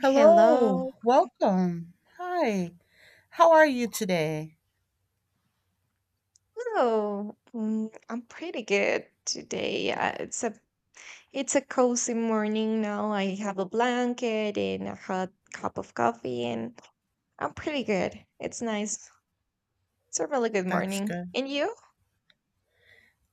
Hello, Hello. welcome. Hi, how are you today? Hello. I'm pretty good today. It's a cozy morning now. I have a blanket and a hot cup of coffee, and I'm pretty good. It's nice. It's a really good That's morning. good. And you?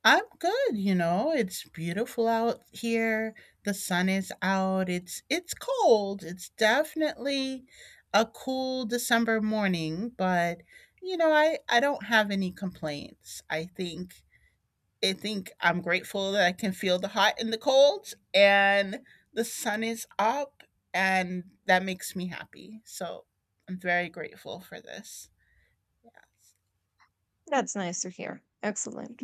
I'm good, you know. It's beautiful out here. The sun is out. It's cold. It's definitely a cool December morning, but you know, I don't have any complaints. I think I'm grateful that I can feel the hot and the cold, and the sun is up, and that makes me happy. So I'm very grateful for this. Yes. That's nice to hear. Excellent.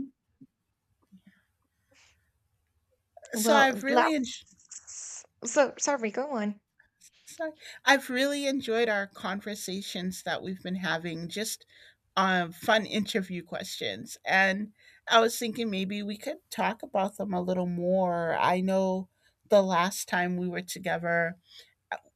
So Well, I've really last enjoyed. so sorry, go on. Sorry. I've really enjoyed our conversations that we've been having, just fun interview questions. And I was thinking maybe we could talk about them a little more. I know the last time we were together,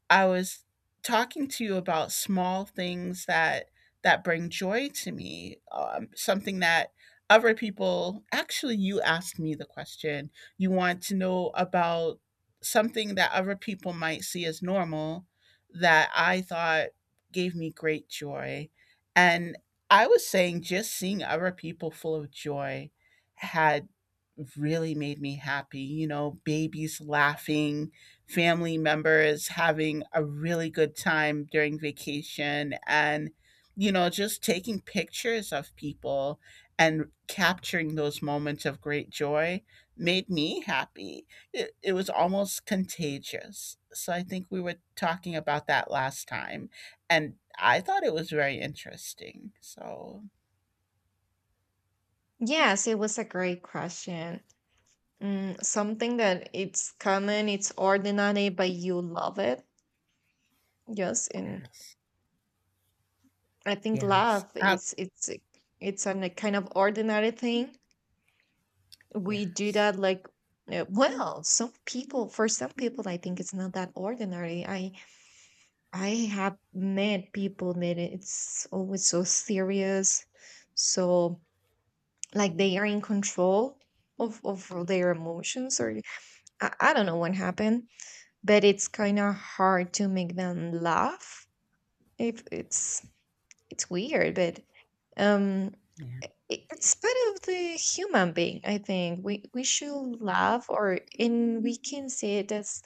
I was talking to you about small things that bring joy to me. Something that other people actually you asked me the question. You want to know about something that other people might see as normal that I thought gave me great joy. And I was saying just seeing other people full of joy had really made me happy. You know, babies laughing, family members having a really good time during vacation and you know just taking pictures of people and capturing those moments of great joy made me happy. It was almost contagious, so I think we were talking about that last time and I thought it was very interesting so Yes, it was a great question. Something that it's common, it's ordinary, but you love it. Yes, and yes. I think Yes. love is it's a kind of ordinary thing. We do Yes. that, like, well, some people for some people I think it's not that ordinary. I have met people that it's always so serious, so, like, they are in control of their emotions, or I don't know what Yeah, happened, but it's kind of hard to make them laugh if it's — it's weird. But um, yeah, i- it's part of the human being. I think we should laugh, or — and we can see it as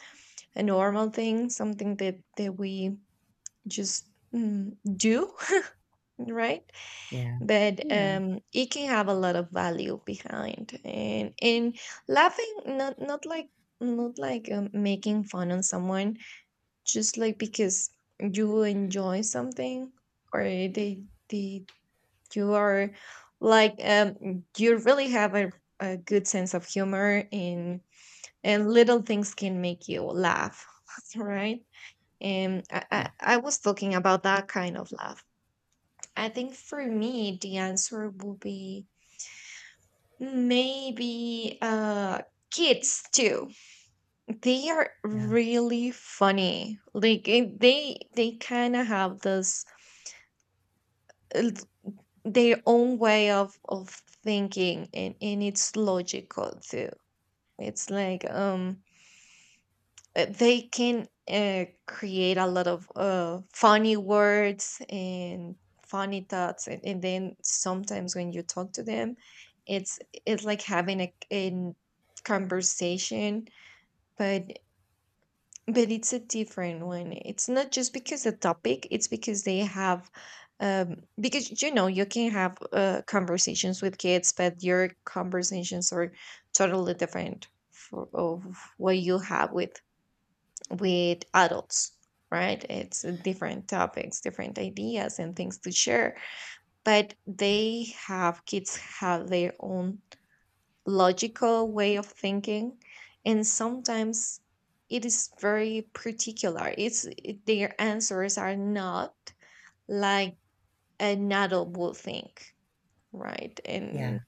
a normal thing, something that we just do, right? yeah, But yeah, it can have a lot of value behind, and laughing, not like, not like, making fun on someone, just like because you enjoy something, or they you are like, you really have a good sense of humor, and little things can make you laugh, right? And I was talking about that kind of laugh. I think for me, the answer would be maybe kids too. They are yeah, really funny. Like, they kind of have this uh, their own way of thinking, and it's logical too. It's like, they can create a lot of funny words and funny thoughts, and then sometimes when you talk to them, it's — it's like having a conversation, but — but it's a different one. It's not just because the topic, it's because they have — because, you know, you can have conversations with kids, but your conversations are totally different for — of what you have with — adults, right? It's different topics, different ideas and things to share, but they have — kids have their own logical way of thinking. And sometimes it is very particular. It's their answers are not like an adult would think, right? yeah. And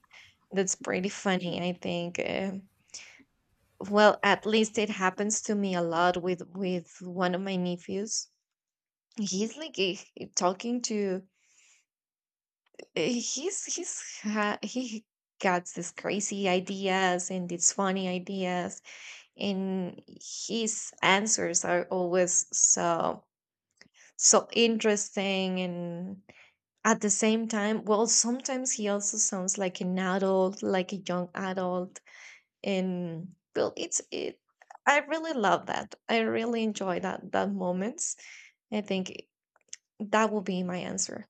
that's pretty funny, I think. Well, at least it happens to me a lot with one of my nephews. He's like, talking to — he got these crazy ideas and these funny ideas, and his answers are always so — so interesting. And at the same time, well, sometimes he also sounds like an adult, like a young adult. And well, it's it — I really love that, I really enjoy that that moments. I think that will be my answer.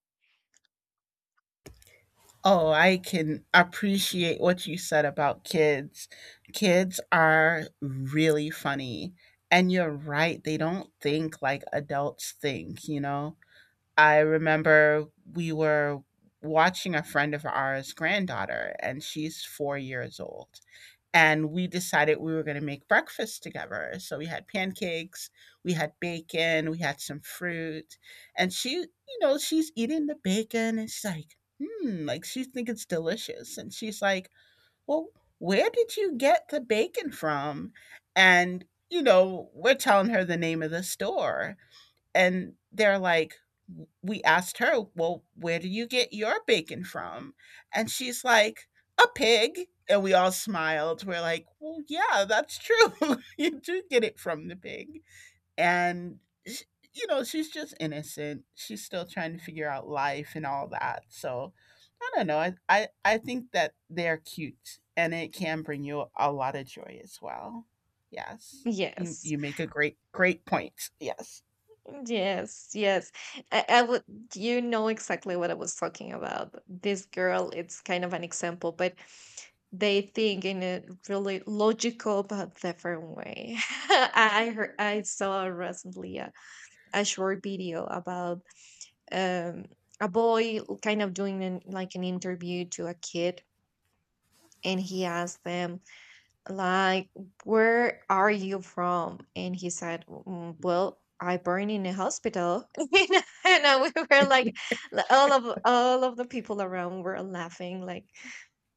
Oh, I can appreciate what you said about kids. Kids are really funny. And you're right, they don't think like adults think, you know? I remember we were watching a friend of ours' granddaughter, and she's 4 years old and we decided we were going to make breakfast together. So we had pancakes, we had bacon, we had some fruit, and she, you know, she's eating the bacon and she's like, hmm, like she thinks it's delicious. And she's like, well, where did you get the bacon from? And, you know, we're telling her the name of the store. And they're like, we asked her, well, where do you get your bacon from? And she's like, a pig. And we all smiled. We're like, well, yeah, that's true. You do get it from the pig. And, sh- you know, she's just innocent. She's still trying to figure out life and all that. So I don't know. I think that they're cute and it can bring you a lot of joy as well. Yes. You, Yes. you make a great, great point. Yes. Yes, yes. I would — you know exactly what I was talking about. This girl, it's kind of an example, but they think in a really logical but different way. I saw recently a short video about um, a boy kind of doing like an interview to a kid, and he asked them like, where are you from? And he said, Well, I born in a hospital." And we were like — all of — all of the people around were laughing, like,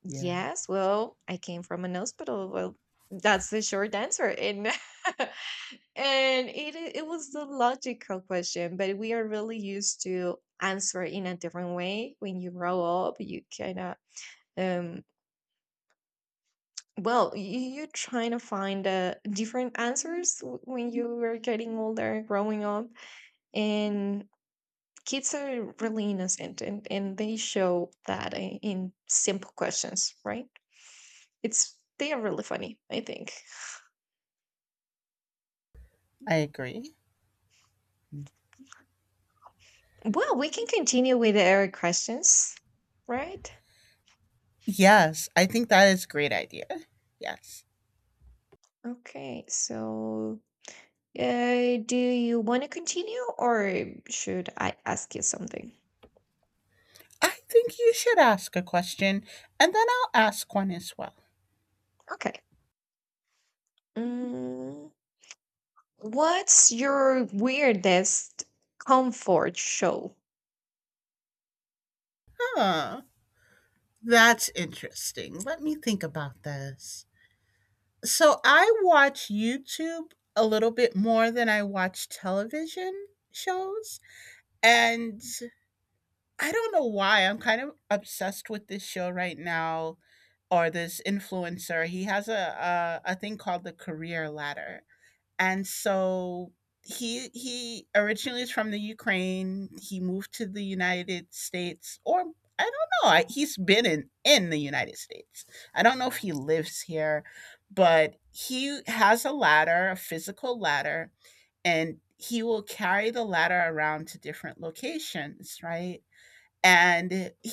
Yeah. yes, well, I came from an hospital. Well, that's the short answer. And and it — it was the logical question, but we are really used to answer in a different way. When you grow up, you kind of — um well, you're trying to find different answers when you were getting older, growing up. And kids are really innocent, and they show that in simple questions, right? It's — they are really funny, I think. I agree. Well, we can continue with our questions, right? Yes, I think that is a great idea. Yes. Okay, so do you want to continue, or should I ask you something? I think you should ask a question and then I'll ask one as well. Okay. Mm. What's your weirdest comfort show? Huh. That's interesting. Let me think about this. So I watch YouTube a little bit more than I watch television shows. And I don't know why. I'm kind of obsessed with this show right now or this influencer. He has a thing called the career ladder, and so he originally is from the Ukraine. He moved to the United States, or I don't know. I, he's been in the United States. I don't know if he lives here, but he has a ladder, a physical ladder, and he will carry the ladder around to different locations, right? And he